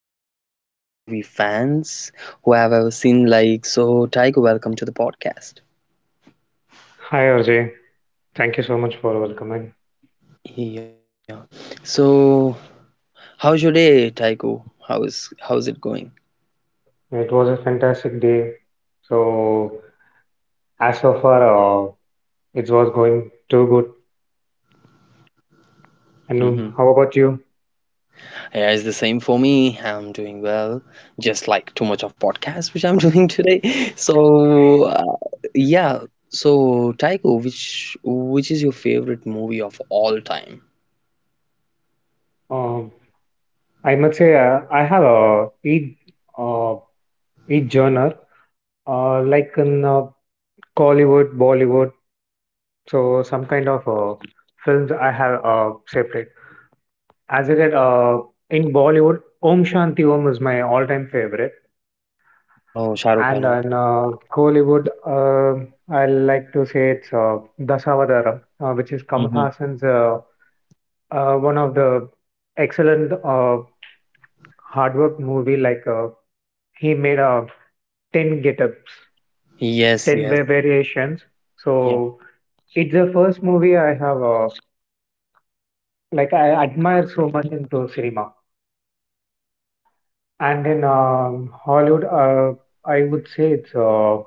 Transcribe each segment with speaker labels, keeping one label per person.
Speaker 1: one of our great movie fans who I've ever seen, like. So Taiko, welcome to the podcast.
Speaker 2: Hi RJ, thank you so much for welcoming.
Speaker 1: Yeah. So how's your day, Taiko? How's it going?
Speaker 2: It was a fantastic day. So as so far, it was going too good. And how about you?
Speaker 1: Yeah, it's the same for me. I'm doing well, just like too much of podcast which I'm doing today. So yeah, so Taiko, which is your favorite movie of all time?
Speaker 2: Um, I must say I have a uh, each genre like in Collywood, Bollywood. So some kind of films I have separate. As I said, in Bollywood, Om Shanti Om is my all-time favorite.
Speaker 1: Oh, Shah Rukh
Speaker 2: And
Speaker 1: Khan.
Speaker 2: on Kollywood, I like to say it's Dasavadaram, which is Kamal
Speaker 1: Mm-hmm.
Speaker 2: Hassan's one of the excellent hard work movie. Like he made 10 get-ups,
Speaker 1: Yes,
Speaker 2: 10
Speaker 1: yes,
Speaker 2: variations.
Speaker 1: yeah.
Speaker 2: So it's the first movie I have like I admire so much into cinema. And in Hollywood, I would say it's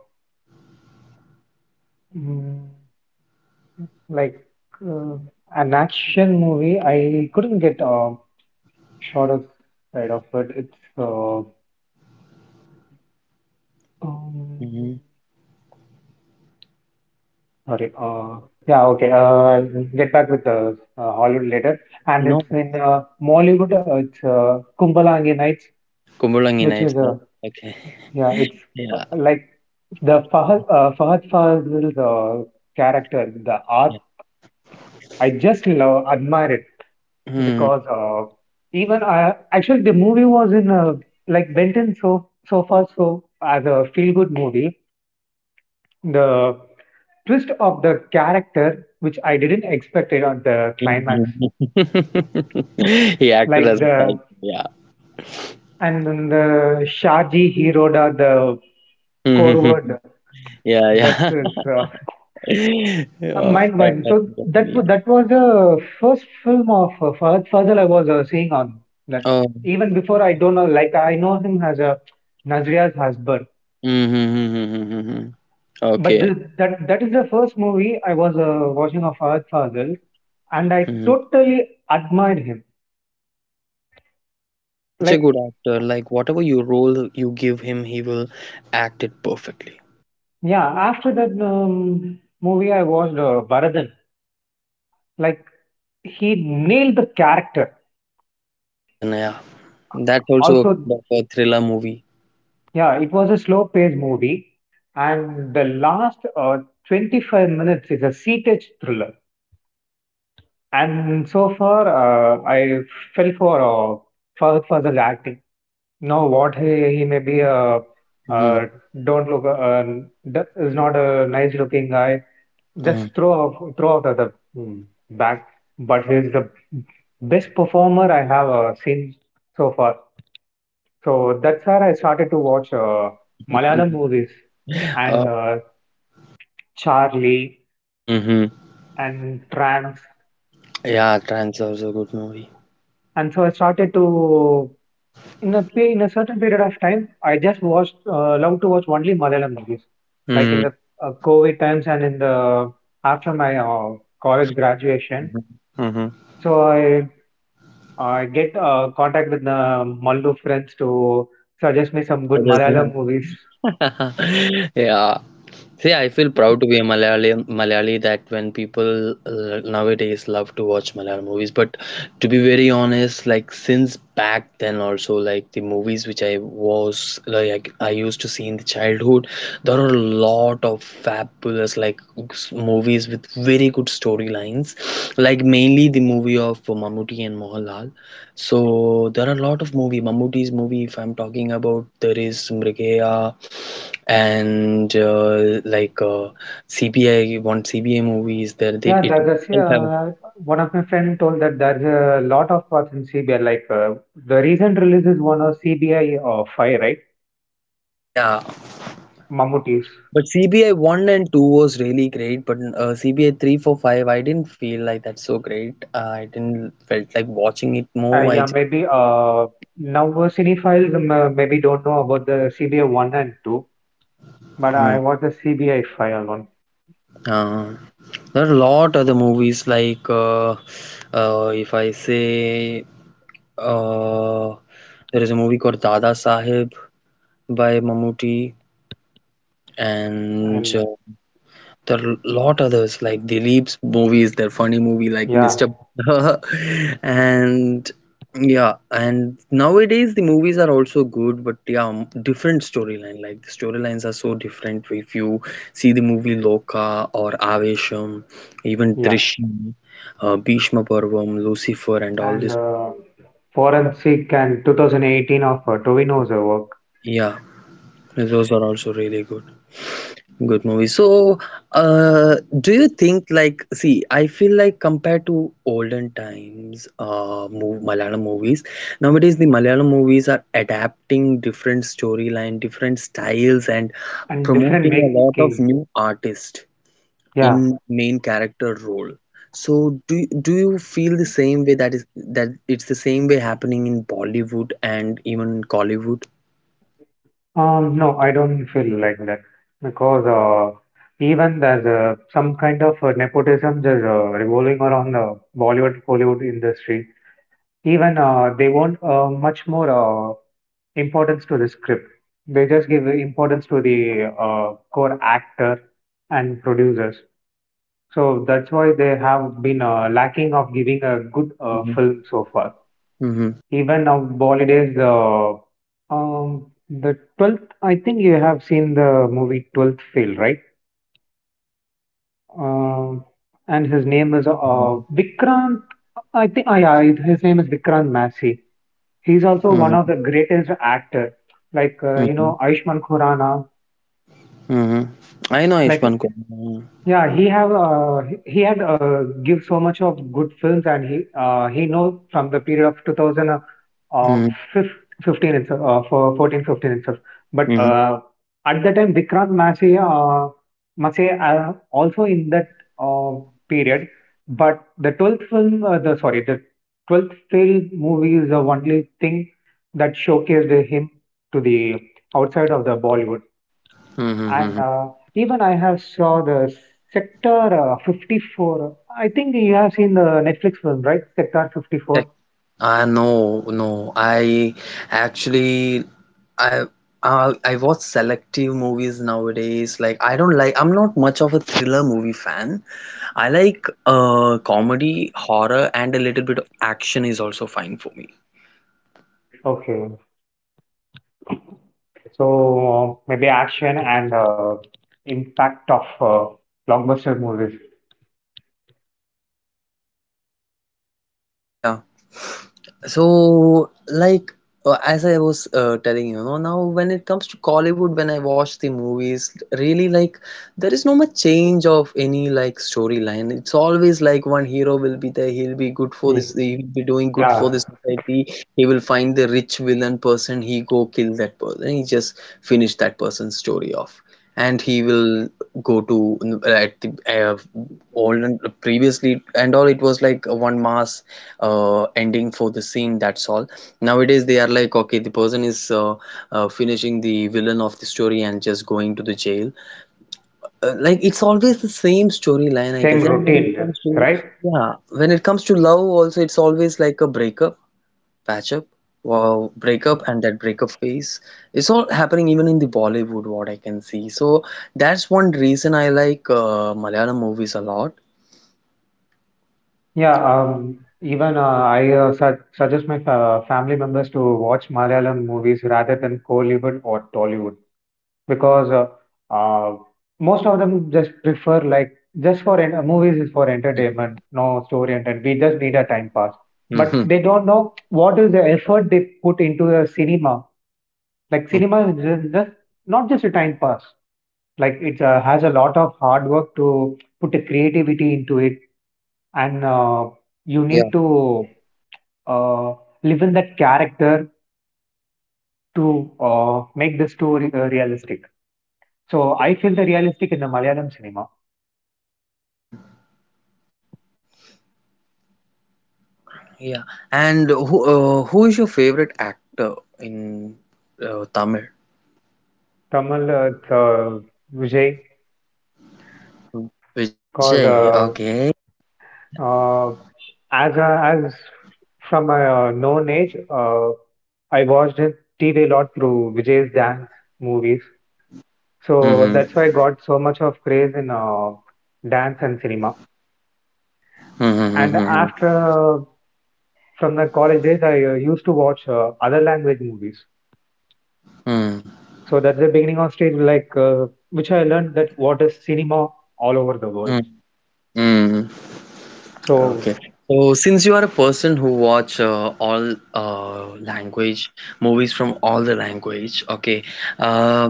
Speaker 2: mm, like uh, an action movie, I couldn't get a shorter side of it. It's um,
Speaker 1: Mm-hmm.
Speaker 2: sorry. Yeah, okay. I'll get back with the Hollywood later. And it's
Speaker 1: No,
Speaker 2: in Mollywood. It's Kumbalangi Nights,
Speaker 1: Kumbulangi
Speaker 2: which
Speaker 1: Nights.
Speaker 2: is
Speaker 1: Okay.
Speaker 2: yeah, it's
Speaker 1: Yeah.
Speaker 2: like the Fahad Fazil's character, the art.
Speaker 1: Yeah.
Speaker 2: I just love admire it.
Speaker 1: Hmm.
Speaker 2: Because even I actually the movie was in like Benton so far so as a feel good movie. The twist of the character which I didn't expect it on the climax,
Speaker 1: He acted
Speaker 2: like
Speaker 1: as a psycho.
Speaker 2: the
Speaker 1: Yeah.
Speaker 2: and then the Shaji Hiroda the core word
Speaker 1: Yeah.
Speaker 2: that
Speaker 1: Yeah.
Speaker 2: is
Speaker 1: Yeah. Yeah.
Speaker 2: mind
Speaker 1: that-
Speaker 2: blowing. So
Speaker 1: that's what
Speaker 2: that wa-
Speaker 1: I
Speaker 2: that was the first film of Fahad Fazal I was seeing on that.
Speaker 1: mean.
Speaker 2: Even before I don't know, like I know him as a Nazria's husband.
Speaker 1: Mm-hmm. Mm-hmm, mm-hmm, mm-hmm.
Speaker 2: But
Speaker 1: Okay.
Speaker 2: this, that is the first movie I was watching of Fahad Fazil, and I
Speaker 1: Hmm.
Speaker 2: totally admired him.
Speaker 1: He is such a good
Speaker 2: Like,
Speaker 1: actor. Like whatever you role you give him, he will act it perfectly.
Speaker 2: yeah, after that movie, I watched Bharadan. Like, he nailed the character.
Speaker 1: Yeah, Varathana. Yeah. That's also a
Speaker 2: Also,
Speaker 1: kind of a thriller movie.
Speaker 2: yeah, it was a slow paced movie,
Speaker 1: Yeah.
Speaker 2: and the last 25 minutes is a seated thriller. And so far, I fell for Fahad Fazil's acting. No, what he may be a
Speaker 1: Mm-hmm.
Speaker 2: don't look is not a nice looking guy. Just throw out of the back, but he's the best performer I have seen so far. So that's where I started to watch Malayalam movies
Speaker 1: Uh,
Speaker 2: and Charlie
Speaker 1: hmm.
Speaker 2: and Trance,
Speaker 1: Yeah, Trans also a good movie.
Speaker 2: and so I started to In a pe- in a certain period of time, I just watched love to watch only Malayalam movies, like
Speaker 1: Mm-hmm.
Speaker 2: in the COVID times and in the after my college graduation.
Speaker 1: Mm-hmm.
Speaker 2: So I get contact with the Malayalam friends to suggest me some good
Speaker 1: That is.
Speaker 2: Malayalam movies.
Speaker 1: Yeah. See, I feel proud to be a Malayali that when people nowadays love to watch Malayalam movies, but to be very honest, like, since back then also, like the movies which I was, like, I used to see in the childhood, there are a lot of fabulous, like, movies with very good storylines, like mainly the movie of Mammootty and Mohanlal. So there are a lot of movie, Mammootty's movie, if I'm talking about. There is Mrigaya and like CBI one, CBI movie is there. They,
Speaker 2: Yeah,
Speaker 1: it
Speaker 2: there's
Speaker 1: itself have.
Speaker 2: one of my friend told that there's a lot of parts in CBI. Like the recent release is one of CBI Five, right?
Speaker 1: Yeah,
Speaker 2: Mammootties.
Speaker 1: but CBI one and two was really great, but CBI three, four, five, I didn't feel like that's so great. I didn't felt like watching it more. I
Speaker 2: Yeah,
Speaker 1: just,
Speaker 2: maybe now cinephiles maybe don't know about the CBI 1 and 2, but
Speaker 1: hmm,
Speaker 2: I watched the CBI 5 alone.
Speaker 1: uh, there are a lot other movies like if I say uh, there is a movie called Dada Sahib by Mammootty and.
Speaker 2: And
Speaker 1: There are a lot others like Dilip's movies, their funny movie like
Speaker 2: yeah,
Speaker 1: Mr. And yeah, and nowadays the movies are also good, but yeah, different storyline. Like the storylines are so different. If you see the movie Loka or Avesham, even
Speaker 2: yeah.
Speaker 1: Drishyam, Bhishma Parvam, Lucifer, and all
Speaker 2: And
Speaker 1: this,
Speaker 2: Forensic and 2018 of Tovino's work
Speaker 1: yeah, those are also really good. Good movie. So, do you think, like, see, I feel like, compared to olden times, Malayalam movies, nowadays the Malayalam movies are adapting different storyline, different styles, and
Speaker 2: and different
Speaker 1: promoting a lot of
Speaker 2: making.
Speaker 1: new artists
Speaker 2: Yeah.
Speaker 1: in main character role. So, do you feel the same way, that is, that it's the same way happening in Bollywood and even in Collywood?
Speaker 2: No, I don't feel like that because even there's some kind of nepotism just revolving around the Bollywood Hollywood industry. Even they want much more importance to the script. They just give importance to the core actor and producers. So that's why they have been lacking of giving a good
Speaker 1: Mm-hmm.
Speaker 2: film so far.
Speaker 1: Mm-hmm.
Speaker 2: Even now, Bollywood is the 12th. I think you have seen the movie Twelfth Fail, right? Um and his name is
Speaker 1: No, I haven't.
Speaker 2: Vikrant. I think yeah, his name is Vikrant Massey. He's also one
Speaker 1: Mm-hmm.
Speaker 2: of the greatest actor. Like
Speaker 1: Mm-hmm.
Speaker 2: Aishman Khurrana,
Speaker 1: Hmm. I know
Speaker 2: like
Speaker 1: Ishwan Kumar.
Speaker 2: yeah, he have he had give so much of good films, and he know from the period of 2000 uh,
Speaker 1: Mm-hmm.
Speaker 2: fif- 15 itself, for 14, 15 itself. But
Speaker 1: Hmm.
Speaker 2: at that time, Vikrant Massey also in that uh, period. But the 12th failed movie is the only thing that showcased him to the outside of the Bollywood and
Speaker 1: Mm-hmm.
Speaker 2: even I have saw the Sector 54. I think you have seen the Netflix film, right? Sector 54.
Speaker 1: I No, no, I actually, I I watch selective movies nowadays. Like, I don't, like, I'm not much of a thriller movie fan. I like comedy, horror, and a little bit of action is also fine for me.
Speaker 2: Okay, so maybe action and impact of blockbuster movies.
Speaker 1: Yeah. So, like, as I was telling you, know, now when it comes to Kollywood, when I watch the movies, really, like, there is no much change of any, like, storyline. It's always like one hero will be there, he'll be good for this,
Speaker 2: Ye-
Speaker 1: he'll be doing good for
Speaker 2: Yeah,
Speaker 1: the society, he will find the rich villain person, he go kill that person, he just finish that person's story off. And he will go to at the old and previously and all. It was like one mass ending for the scene. That's all. Nowadays they are like, okay, the person is finishing the villain of the story and just going to the jail, like, it's always the same storyline, I
Speaker 2: same
Speaker 1: guess. And when it
Speaker 2: routine,
Speaker 1: comes to
Speaker 2: right?
Speaker 1: yeah, when it comes to love also, it's always like a breakup, patch up, wow, breakup, and that breakup phase. It's all happening even in the Bollywood, what I can see. So that's one reason I like Malayalam movies a lot.
Speaker 2: Yeah, even I suggest my family members to watch Malayalam movies rather than Kollywood or Tollywood. Because uh, most of them just prefer like just for movies is for entertainment, no story and we just need a time pass. But
Speaker 1: Hmm.
Speaker 2: they don't know what is the effort they put into the cinema. Like
Speaker 1: Hmm.
Speaker 2: cinema is just not just a time pass. Like it has a lot of hard work to put the creativity into it, and you need
Speaker 1: Yeah.
Speaker 2: to uh, live in that character to make the story realistic. So I feel the realistic in the Malayalam cinema.
Speaker 1: Mm. Yeah. And who is your favorite actor in Tamil?
Speaker 2: Kamal, it's, Vijay,
Speaker 1: Hmm. Vijay.
Speaker 2: because
Speaker 1: Okay.
Speaker 2: uh, as from a known age, I watched his TV lot through Vijay's dance movies.
Speaker 1: Mm-hmm.
Speaker 2: So that's why I got so much of craze in dance and cinema.
Speaker 1: Mm-hmm.
Speaker 2: And after from the college days, I used to watch other language movies.
Speaker 1: Mm-hmm.
Speaker 2: So that's the beginning of stage, like which I learned that what is cinema all over the world.
Speaker 1: Mm-hmm. Okay.
Speaker 2: So
Speaker 1: So since you are a person who watch all language movies from all the language, okay. Uh,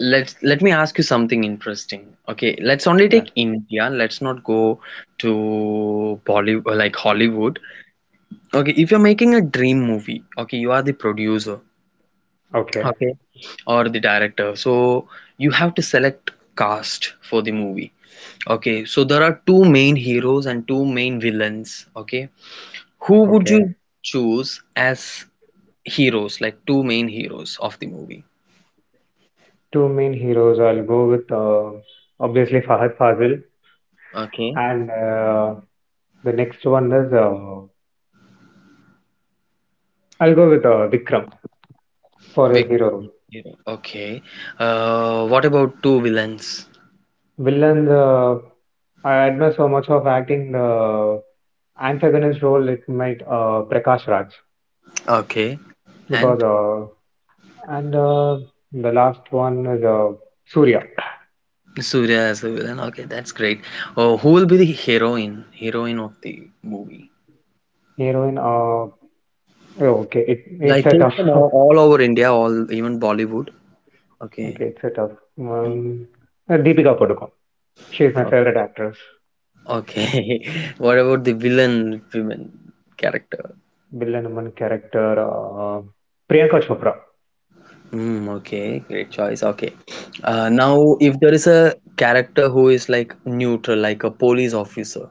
Speaker 1: let me ask you something interesting. Okay, let's only
Speaker 2: yeah,
Speaker 1: take India. Let's not go to Bollywood, like Hollywood. Okay, if you're making a dream movie, okay, you are the producer,
Speaker 2: okay,
Speaker 1: okay, or the director. So you have to select cast for the movie. Okay, so there are two main heroes and two main villains, okay. Who would
Speaker 2: okay.
Speaker 1: you choose as heroes, like two main heroes of the movie?
Speaker 2: Two main heroes, I'll go with obviously Fahad Fazil,
Speaker 1: Okay.
Speaker 2: and the next one is I'll go with Vikram for a
Speaker 1: We
Speaker 2: hero role.
Speaker 1: hero. Okay. What about two villains?
Speaker 2: Villain, I admire so much of acting the antagonist role, it might Prakash Raj
Speaker 1: Okay.
Speaker 2: because
Speaker 1: And
Speaker 2: and the last one is Surya.
Speaker 1: Surya as a villain. Okay, that's great. Oh, who will be the heroine? Heroine of the movie?
Speaker 2: Heroine, oh, okay, it's
Speaker 1: Like,
Speaker 2: a
Speaker 1: they
Speaker 2: tough,
Speaker 1: from all over India, all even Bollywood. Okay.
Speaker 2: okay, it's a tough.
Speaker 1: Yeah.
Speaker 2: Um, Deepika Padukone. She's my favorite
Speaker 1: Okay.
Speaker 2: actress.
Speaker 1: Okay. What about the villain women character?
Speaker 2: Villanaman character, Priyanka Chopra,
Speaker 1: Hmm, okay, great choice. Okay. Now if there is a character who is like neutral, like a police officer,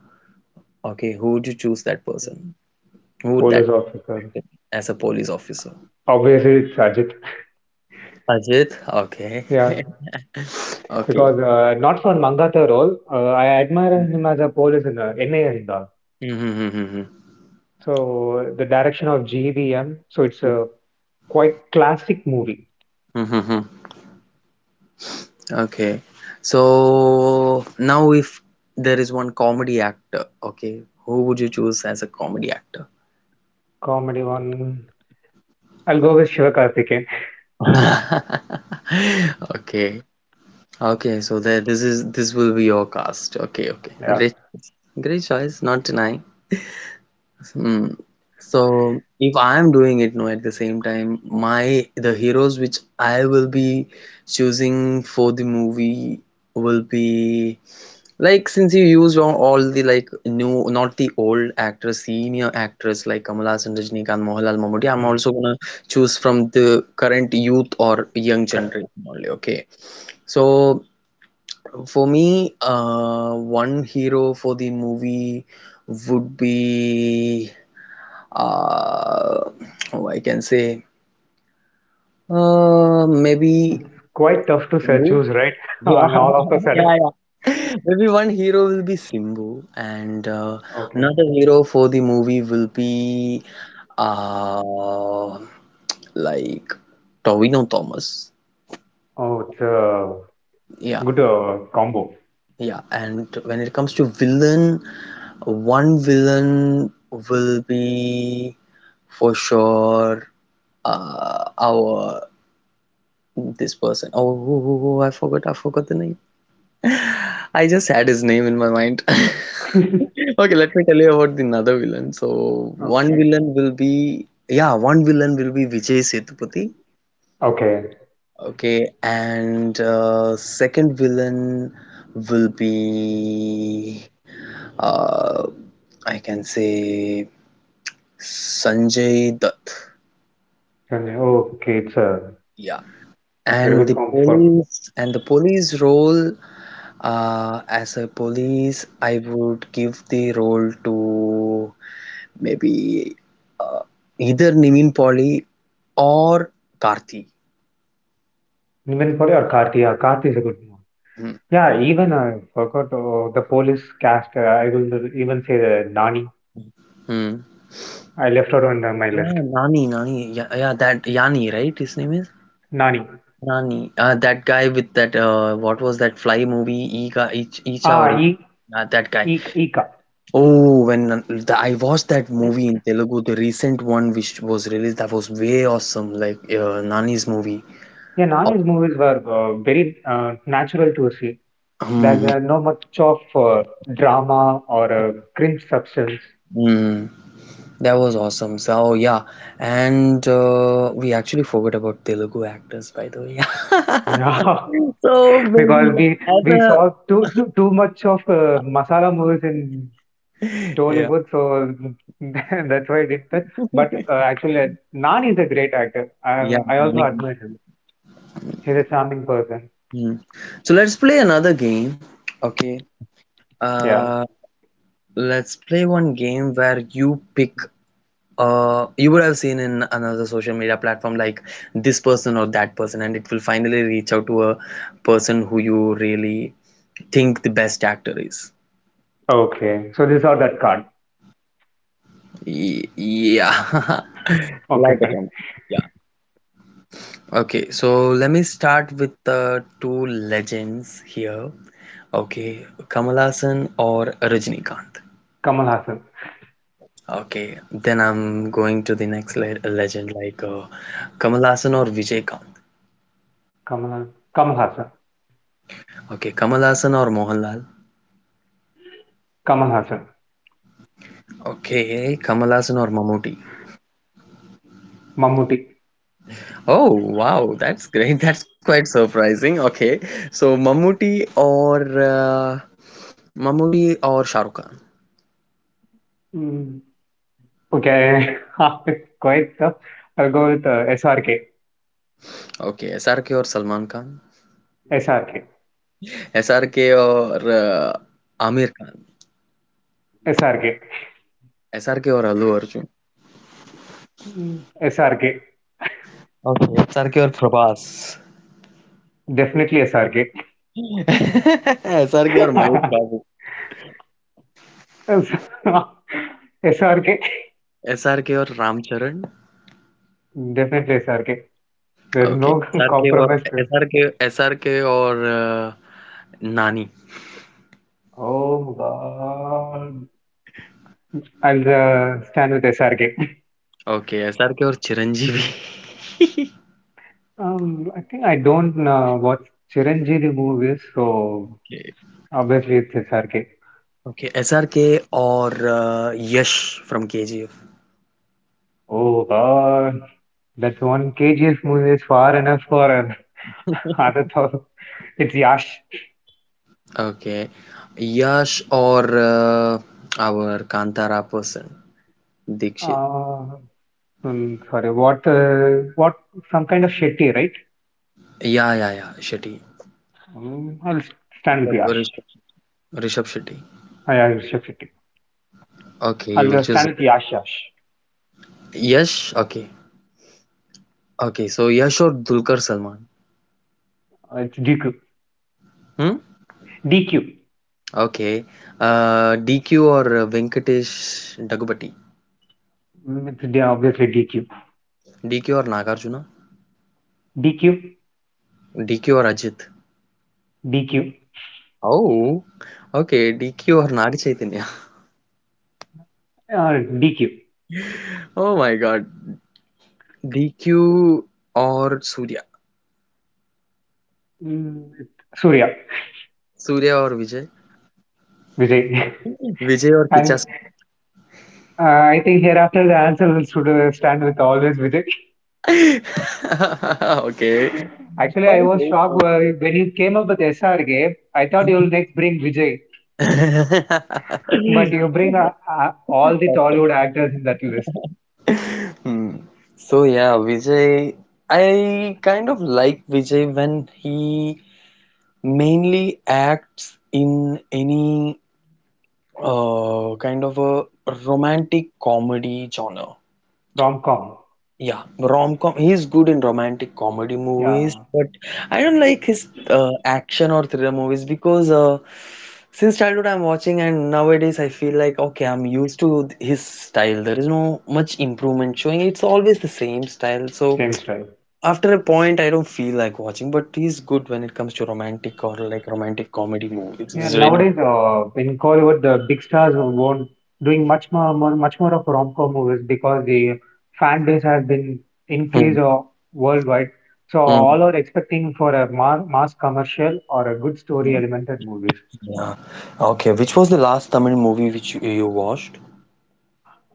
Speaker 1: okay, who would you choose that person? Who would that,
Speaker 2: police officer.
Speaker 1: as a police officer?
Speaker 2: Obviously, it's Ajit.
Speaker 1: Ajit? Okay.
Speaker 2: Yeah,
Speaker 1: Okay.
Speaker 2: because not for Mangata role, I admire him as a police in N.A. Arinda.
Speaker 1: Mm-hmm. Mm-hmm, mm-hmm.
Speaker 2: So the direction of GVM, so it's a quite classic movie.
Speaker 1: Mm-hmm, mm-hmm. Okay. So now if there is one comedy actor, okay, who would you choose as a comedy actor?
Speaker 2: Comedy one. I'll go with Shiva Karthikeyan.
Speaker 1: Okay. Okay, so there this is this will be your cast. Okay, okay.
Speaker 2: Yeah.
Speaker 1: Great. Great choice, not denying. Hmm. So if I am doing it now at the same time, my the heroes which I will be choosing for the movie will be. Like, since you used on all the, like, new, not the old actors, senior actors like Kamal Haasan, Rajinikanth, Mohanlal, Mammudi, I'm
Speaker 2: Hmm.
Speaker 1: also gonna choose from the current youth or young
Speaker 2: Correct.
Speaker 1: generation only. Okay, so for me, one hero for the movie would be, uh, oh, I can say, maybe
Speaker 2: It's quite tough to
Speaker 1: Hindu.
Speaker 2: choose, right?
Speaker 1: Yeah,
Speaker 2: And all of a
Speaker 1: yeah,
Speaker 2: sudden.
Speaker 1: yeah. Maybe one hero will be Simbu, and
Speaker 2: Okay.
Speaker 1: another hero for the movie will be, uh, like, Tobino Thomas.
Speaker 2: Oh, it's a
Speaker 1: Yeah,
Speaker 2: good combo.
Speaker 1: yeah. And when it comes to villain, one villain will be for sure our this person. Oh, I forgot the name. I just had his name in my mind. Okay, let me tell you about the another villain. So one
Speaker 2: Okay.
Speaker 1: villain will be, yeah, one villain will be Vijay Sethupathi.
Speaker 2: Okay.
Speaker 1: Okay, and second villain will be, uh, I can say, Sanjay Dutt.
Speaker 2: हाँ जी, okay, it's a
Speaker 1: Yeah,
Speaker 2: very
Speaker 1: and
Speaker 2: good
Speaker 1: the
Speaker 2: com for
Speaker 1: police, and the police role, as a police, I would give the role to, maybe, uh, either Niveen Polly or Karthi.
Speaker 2: even for your Karthi. Yeah, Karthi is a good one.
Speaker 1: Hmm.
Speaker 2: Yeah, even I forgot the Police cast. I will even say the Nani.
Speaker 1: Hmm.
Speaker 2: I left out on my
Speaker 1: Yeah,
Speaker 2: list.
Speaker 1: Nani, Nani. Yeah, yeah, that Yani, right? His name is
Speaker 2: Nani.
Speaker 1: Nani. That guy with that, what was that fly movie? Iga, Ich, Icha, or
Speaker 2: Ah,
Speaker 1: that guy.
Speaker 2: Eka.
Speaker 1: Oh, when I watched that movie in Telugu, the recent one which was released, that was way awesome. Like Nani's movie.
Speaker 2: Yeah,
Speaker 1: Oh,
Speaker 2: Nani's movies were very natural to see. There's
Speaker 1: hmm,
Speaker 2: no much of drama or
Speaker 1: hmm.
Speaker 2: cringe substance.
Speaker 1: Hmm. That was awesome. So yeah, and we actually forgot about Telugu actors, by the way.
Speaker 2: Yeah,
Speaker 1: So many,
Speaker 2: because we
Speaker 1: as
Speaker 2: we
Speaker 1: a,
Speaker 2: saw too too too much of masala movies in
Speaker 1: yeah,
Speaker 2: Tollywood, so that's why I did that. But actually, Nani is a great actor. I,
Speaker 1: yeah.
Speaker 2: I also
Speaker 1: Many.
Speaker 2: admire him. He's a charming person.
Speaker 1: Hmm. So let's play another game. Okay.
Speaker 2: Yeah.
Speaker 1: Uh, let's play one game where you pick. You would have seen in another social media platform like this person or that person, and it will finally reach out to a person who you really think the best actor is.
Speaker 2: Okay. So these are that card.
Speaker 1: Yeah. Like
Speaker 2: Okay,
Speaker 1: a
Speaker 2: fine.
Speaker 1: drum. Yeah. Okay, so let me start with the two legends here. Okay, Kamal Hassan or Rajinikanth.
Speaker 2: Kamal Hassan.
Speaker 1: Okay, then I'm going to the next le legend like Kamal Hassan or Vijay Kant.
Speaker 2: Kamal, Ha- Kamal Hassan.
Speaker 1: Okay, Kamal Hassan or Mohanlal.
Speaker 2: Kamal Hassan.
Speaker 1: Okay, Kamal Hassan or Mammootty.
Speaker 2: Mammootty.
Speaker 1: Oh, wow, that's great. That's quite surprising. Okay, so Mammootty or Shah Rukh Khan.
Speaker 2: Mm, okay. It's quite tough. I'll go with SRK.
Speaker 1: Okay SRK और Salman Khan
Speaker 2: SRK.
Speaker 1: SRK और uh, Aamir Khan
Speaker 2: SRK.
Speaker 1: SRK और Allu Arjun
Speaker 2: Mm, SRK.
Speaker 1: Okay SRK और Prabhas
Speaker 2: Definitely SRK.
Speaker 1: SRK और महेश बाबू
Speaker 2: SRK.
Speaker 1: SRK और Ramcharan
Speaker 2: Definitely SRK. There's
Speaker 1: okay
Speaker 2: no
Speaker 1: SRK और
Speaker 2: compromise to it.
Speaker 1: SRK SRK और uh, Nani
Speaker 2: Oh God. I'll stand with SRK.
Speaker 1: Okay SRK और Chiranjeevi
Speaker 2: I think I don't watch Chiranjeevi movies, so obviously it's SRK.
Speaker 1: Okay SRK और uh, Yash from KGF
Speaker 2: Oh God. That one KGF movie is far enough for an other thousand. It's Yash.
Speaker 1: Okay Yash और our Kantara person Dikshit
Speaker 2: Uh, sorry, what? What? Some kind of Shetty, right?
Speaker 1: Yeah, yeah, yeah. Shetty.
Speaker 2: I'll stand
Speaker 1: Rishabh,
Speaker 2: with Yash.
Speaker 1: Rishabh, Rishabh Shetty.
Speaker 2: I'll shift Shetty.
Speaker 1: Okay, you
Speaker 2: I'll
Speaker 1: will choose
Speaker 2: stand with Yash.
Speaker 1: Yash. Okay, okay. So Yash or Dulquer Salman.
Speaker 2: It's DQ.
Speaker 1: Hmm.
Speaker 2: DQ.
Speaker 1: Okay. DQ or Venkatesh Dagupati.
Speaker 2: Mm, it's obviously DQ.
Speaker 1: DQ or Nagarjuna.
Speaker 2: DQ,
Speaker 1: DQ or Ajit.
Speaker 2: DQ,
Speaker 1: Oh. Okay. DQ or Nag Chaitanya.
Speaker 2: or DQ.
Speaker 1: Oh my God. DQ or Surya.
Speaker 2: Mm, Surya,
Speaker 1: Surya or Vijay.
Speaker 2: Vijay.
Speaker 1: Vijay or Kicha.
Speaker 2: And I think hereafter the answer will should stand with always Vijay.
Speaker 1: Okay.
Speaker 2: Actually, I
Speaker 1: Okay.
Speaker 2: was shocked when you came up with SR game. I thought you'll next bring Vijay, but you bring all the Tollywood actors in that list.
Speaker 1: Hmm. So yeah, Vijay, I kind of like Vijay when he mainly acts in any kind of a romantic comedy genre.
Speaker 2: Rom com.
Speaker 1: Yeah, rom-com. He's good in romantic comedy movies,
Speaker 2: Yeah,
Speaker 1: but I don't like his action or thriller movies because since childhood I'm watching, and nowadays I feel like okay, I'm used to his style. There is no much improvement showing. It's always the same style. So
Speaker 2: same style.
Speaker 1: after a point, I don't feel like watching. But he's good when it comes to romantic or like romantic comedy movies.
Speaker 2: Yeah,
Speaker 1: He's really.
Speaker 2: nowadays in Hollywood, the big stars won't doing much more, much more of rom-com movies because the fan base has been
Speaker 1: Hmm,
Speaker 2: increased worldwide. So
Speaker 1: hmm.
Speaker 2: all are expecting for a mass commercial or a good story elemented movies.
Speaker 1: Yeah. Okay, which was the last Tamil movie which you watched?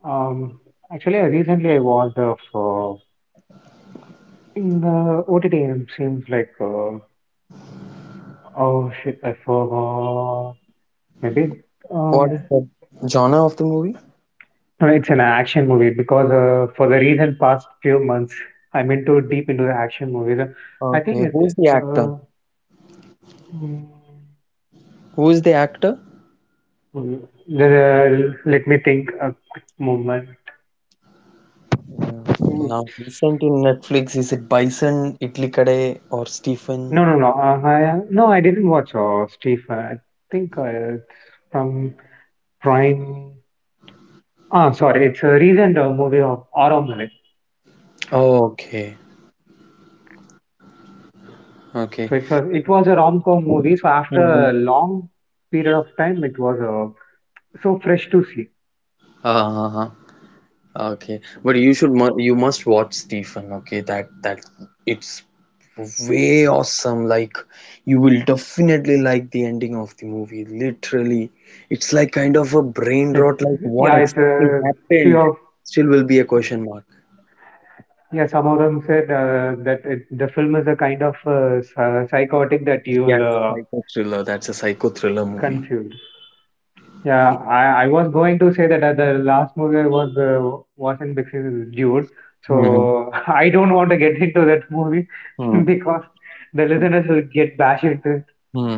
Speaker 2: Um, actually, I recently I watched of in the OTT it seems like oh shit, I forgot maybe. Uh,
Speaker 1: What is the genre of the movie?
Speaker 2: No, it's an action movie because for the recent past few months, I'm into deep into the action movies. I think
Speaker 1: Okay,
Speaker 2: it's
Speaker 1: who's the actor?
Speaker 2: uh, mm,
Speaker 1: Who is the actor?
Speaker 2: the, let me think a quick moment.
Speaker 1: Mm,
Speaker 2: Mm,
Speaker 1: now, recent in Netflix, is it Bison, Itlikade, or Stephen?
Speaker 2: no, no, no. No, I didn't watch Stephen. I think it's from Prime. Ah, sorry, it's a recent movie of Aramale.
Speaker 1: Oh, okay, okay.
Speaker 2: So it was a rom-com movie. So after
Speaker 1: Hmm.
Speaker 2: a long period of time, it was so fresh to see.
Speaker 1: Uh, okay. But you should mu you must watch Stephen, okay? That it's way awesome. Like you will definitely like the ending of the movie. Literally, it's like kind of a brain
Speaker 2: It,
Speaker 1: rot. Like what
Speaker 2: yeah, it's
Speaker 1: exactly
Speaker 2: a few
Speaker 1: happened?
Speaker 2: of
Speaker 1: Still will be a question mark.
Speaker 2: yeah. Some of them said that it, the film is a kind of psychotic that you'll
Speaker 1: Yes, psycho thriller. That's a psycho thriller movie.
Speaker 2: confuse. Yeah, I was going to say that the last movie I was watching because dude,
Speaker 1: Hmm,
Speaker 2: so I don't want to get into that movie
Speaker 1: hmm,
Speaker 2: because the listeners will get bashed into
Speaker 1: hmm.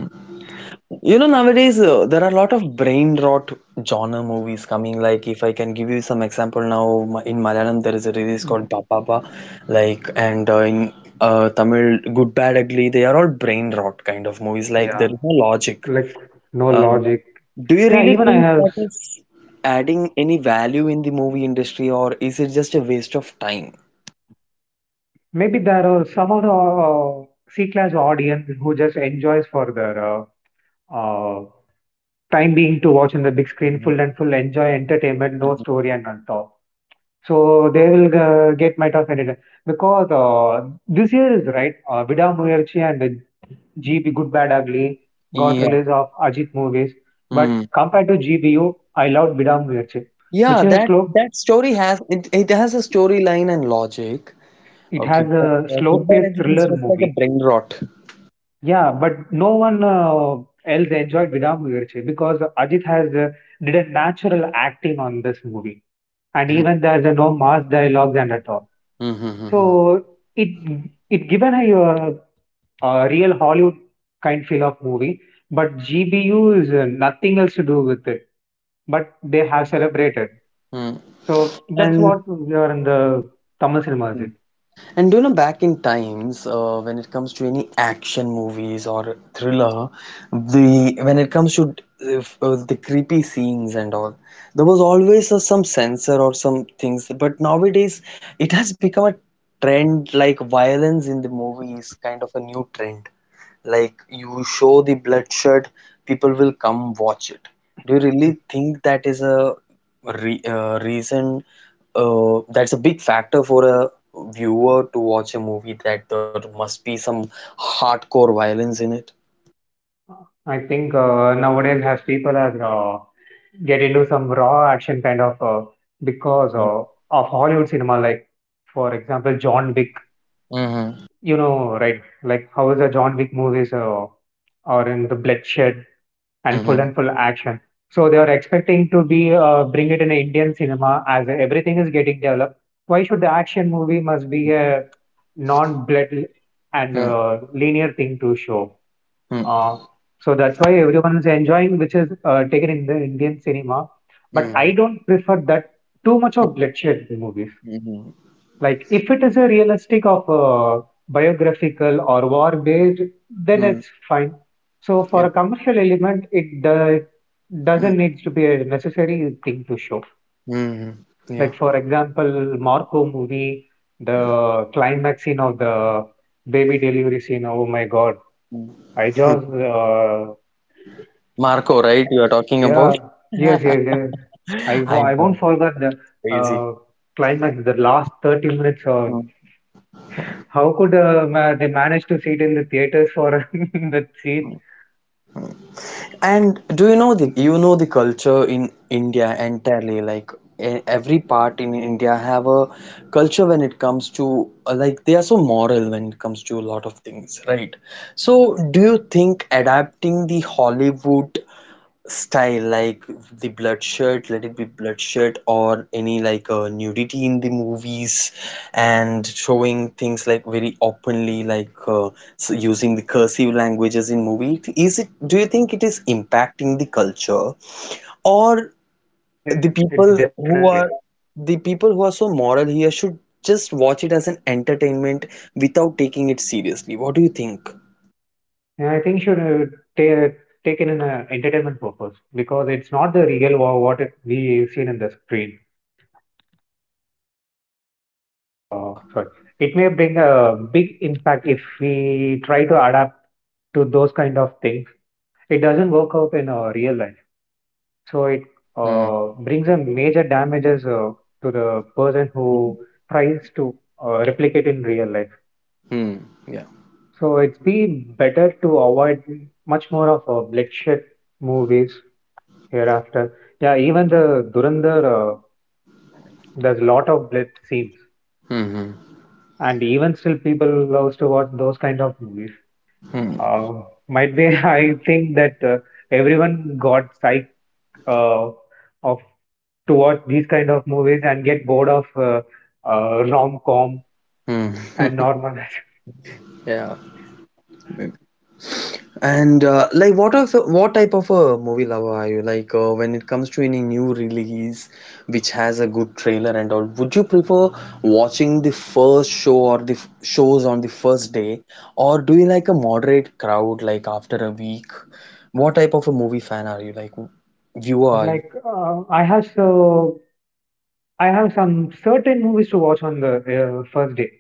Speaker 1: You know, nowadays there are a lot of brain rot genre movies coming. Like, if I can give you some example now, in Malayalam there is a release
Speaker 2: it.
Speaker 1: called Papapa, like, and in Tamil, Good, Bad, Ugly. They are all brain rot kind of movies. Like,
Speaker 2: Yeah,
Speaker 1: there is no logic.
Speaker 2: like no
Speaker 1: Um,
Speaker 2: logic.
Speaker 1: do you
Speaker 2: Yeah,
Speaker 1: really
Speaker 2: even I
Speaker 1: think
Speaker 2: have.
Speaker 1: that
Speaker 2: S-
Speaker 1: is adding any value in the movie industry, or is it just a waste of time?
Speaker 2: maybe there are some of the C-class audience who just enjoys for their uh, time being to watch in the big screen,
Speaker 1: Mhm.
Speaker 2: full and full enjoy entertainment, no story and on top. So they will get my tough editor because this year is right. Vida Muyerchi and GB Good Bad Ugly got
Speaker 1: Yeah.
Speaker 2: release of Ajit movies, but compared to GBU, I loved Vida Muyerchi,
Speaker 1: Yeah,
Speaker 2: which is a
Speaker 1: that
Speaker 2: slow.
Speaker 1: that story has it, has a storyline and logic.
Speaker 2: It
Speaker 1: Okay,
Speaker 2: has
Speaker 1: but,
Speaker 2: a
Speaker 1: Goodbye
Speaker 2: slow-paced
Speaker 1: Letters is
Speaker 2: thriller
Speaker 1: just like a
Speaker 2: movie.
Speaker 1: brain rot.
Speaker 2: Yeah, but no one else enjoyed Vida Muyerchi because Ajit has did a natural acting on this movie, and
Speaker 1: Mm-hmm.
Speaker 2: even there's a no mass dialogues and at all.
Speaker 1: Mm-hmm.
Speaker 2: So it it given a real Hollywood kind feel of movie, but GBU is nothing else to do with it. But they have celebrated.
Speaker 1: Hmm.
Speaker 2: So that's
Speaker 1: And
Speaker 2: what we are in the Tamil cinemas. It.
Speaker 1: and you know, back in times when it comes to any action movies or thriller, the when it comes to if, the creepy scenes and all, there was always some censor or some things. But nowadays, it has become a trend like violence in the movies, kind of a new trend like you show the bloodshed, people will come watch it. Do you really think that is a reason that's a big factor for a viewer to watch a movie, that there must be some hardcore violence in it?
Speaker 2: I think nowadays as people are get into some raw action kind of because
Speaker 1: Mhm,
Speaker 2: of Hollywood cinema, like for example John Wick.
Speaker 1: mhm,
Speaker 2: You know, right? Like how is the John Wick movies are in the bloodshed
Speaker 1: mhm,
Speaker 2: and full action. So they are expecting to be bring it in Indian cinema as everything is getting developed. Why should the action movie must be a non-blood and
Speaker 1: mhm,
Speaker 2: linear thing to show?
Speaker 1: mhm,
Speaker 2: Uh, so that's why everyone is enjoying, which is taken in the Indian cinema. But
Speaker 1: mhm,
Speaker 2: I don't prefer that too much of bloodshed movies.
Speaker 1: mhm,
Speaker 2: Like, if it is a realistic of a biographical or war based, then
Speaker 1: mhm,
Speaker 2: it's fine. So,
Speaker 1: yeah,
Speaker 2: for a commercial element,
Speaker 1: mhm,
Speaker 2: doesn't need to be a necessary thing to show.
Speaker 1: mhm, yeah,
Speaker 2: Like, for example, Marco movie, the climax scene of the baby delivery scene. Oh my god,
Speaker 1: mhm,
Speaker 2: I just,
Speaker 1: mhm. Marco, right? You are talking about?
Speaker 2: yeah, yes, yes, yes.
Speaker 1: I
Speaker 2: I won't
Speaker 1: know,
Speaker 2: forget the
Speaker 1: crazy.
Speaker 2: uh, climax, the last 30 minutes of.
Speaker 1: Mhm,
Speaker 2: How could they manage to seat in the theaters for that seat?
Speaker 1: mhm. And do you know the culture in India entirely, like e- every part in India have a culture when it comes to like they are so moral when it comes to a lot of things, right? So do you think adapting the Hollywood style, like the bloodshed, let it be bloodshed or any like nudity in the movies and showing things like very openly, like so using the cursive languages in movie, is it do you think it is impacting the culture, or
Speaker 2: Yeah,
Speaker 1: the
Speaker 2: it's
Speaker 1: people
Speaker 2: definitely.
Speaker 1: who are, the people who are so moral here, should just watch it as an entertainment without taking it seriously? What do you think?
Speaker 2: And I think should ta- take in an entertainment purpose because it's not the real what it, we seen in the screen.
Speaker 1: Yeah.
Speaker 2: Sorry, it may bring a big impact if we try to adapt to those kind of things. It doesn't work out in real life, so it
Speaker 1: Hmm,
Speaker 2: brings a major damages to the person
Speaker 1: hmm.
Speaker 2: who tries to replicate in real life.
Speaker 1: Hmm. Yeah.
Speaker 2: So it's been better to avoid much more of bloodshed movies hereafter. Yeah, even the Durandar, there's a lot of blood scenes,
Speaker 1: Hmm,
Speaker 2: and even still people loves to watch those kind of movies.
Speaker 1: hmm, hmm.
Speaker 2: Uh, might be I think that everyone got psych uh, of to watch these kind of movies and get bored of rom-com
Speaker 1: Hmm.
Speaker 2: and normal.
Speaker 1: Yeah. Mm. And like what of what type of a movie lover are you? Like when it comes to any new release which has a good trailer and all, would you prefer watching the first show or the f shows on the first day, or do you like a moderate crowd like after a week? What type of a movie fan are you? Like viewer are you?
Speaker 2: Like I have some certain movies to watch on the first day.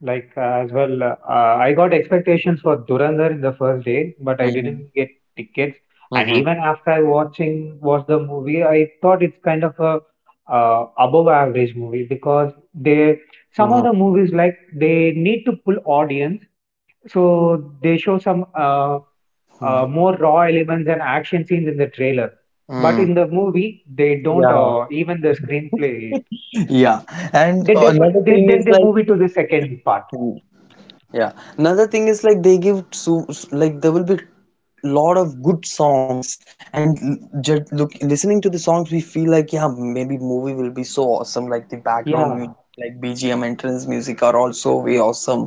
Speaker 2: Like as well, I got expectations for Durandar in the first day, but I
Speaker 1: Mm-hmm.
Speaker 2: didn't get tickets. And
Speaker 1: Mm-hmm.
Speaker 2: even after I watching watched the movie, I thought it's kind of a above average movie because they some of
Speaker 1: Mm-hmm.
Speaker 2: the movies like they need to pull audience, so they show some more raw elements and action scenes in the trailer. But
Speaker 1: Mm-hmm.
Speaker 2: in the movie, they don't
Speaker 1: Yeah.
Speaker 2: even the screenplay.
Speaker 1: Yeah. And another
Speaker 2: They
Speaker 1: thing
Speaker 2: then
Speaker 1: is
Speaker 2: they move it to the second part.
Speaker 1: like, yeah. Another thing is like they give like there will be lot of good songs and look listening to the songs we feel like, yeah, maybe movie will be so awesome, like the background
Speaker 2: Yeah,
Speaker 1: music like BGM entrance music are also way awesome.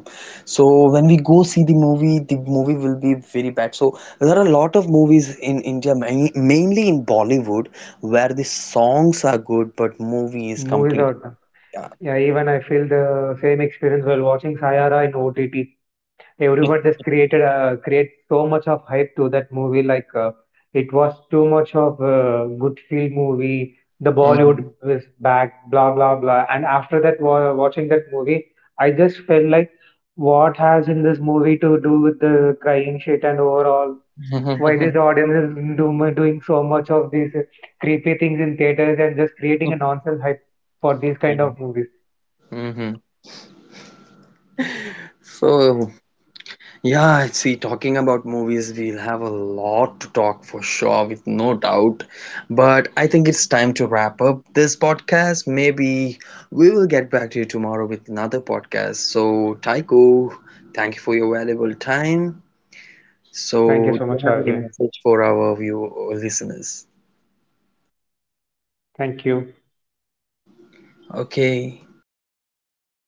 Speaker 1: So when we go see the movie will be very bad. So there are a lot of movies in India, mainly in Bollywood, where the songs are good but movie is
Speaker 2: movies
Speaker 1: complete.
Speaker 2: are done.
Speaker 1: Yeah.
Speaker 2: Yeah, even I feel the same experience while watching Sayara in OTT. Everyone just create so much of hype to that movie. Like it was too much of a good feel movie. The
Speaker 1: Mhm.
Speaker 2: Bollywood was back, blah blah blah. And after that, wa watching that movie, I just felt like, what has in this movie to do with the crying shit and overall? Why this audience is doing so much of these creepy things in theaters and just creating a nonsense hype for these kind of movies.
Speaker 1: Mhm. So, yeah, see, talking about movies, we'll have a lot to talk for sure, with no doubt. But I think it's time to wrap up this podcast. Maybe we will get back to you tomorrow with another podcast. So, Taiko, thank you for your valuable time.
Speaker 2: Thank you
Speaker 1: So,
Speaker 2: so
Speaker 1: do you
Speaker 2: much,
Speaker 1: have any
Speaker 2: Arjay.
Speaker 1: message for our view listeners?
Speaker 2: Thank you.
Speaker 1: Okay.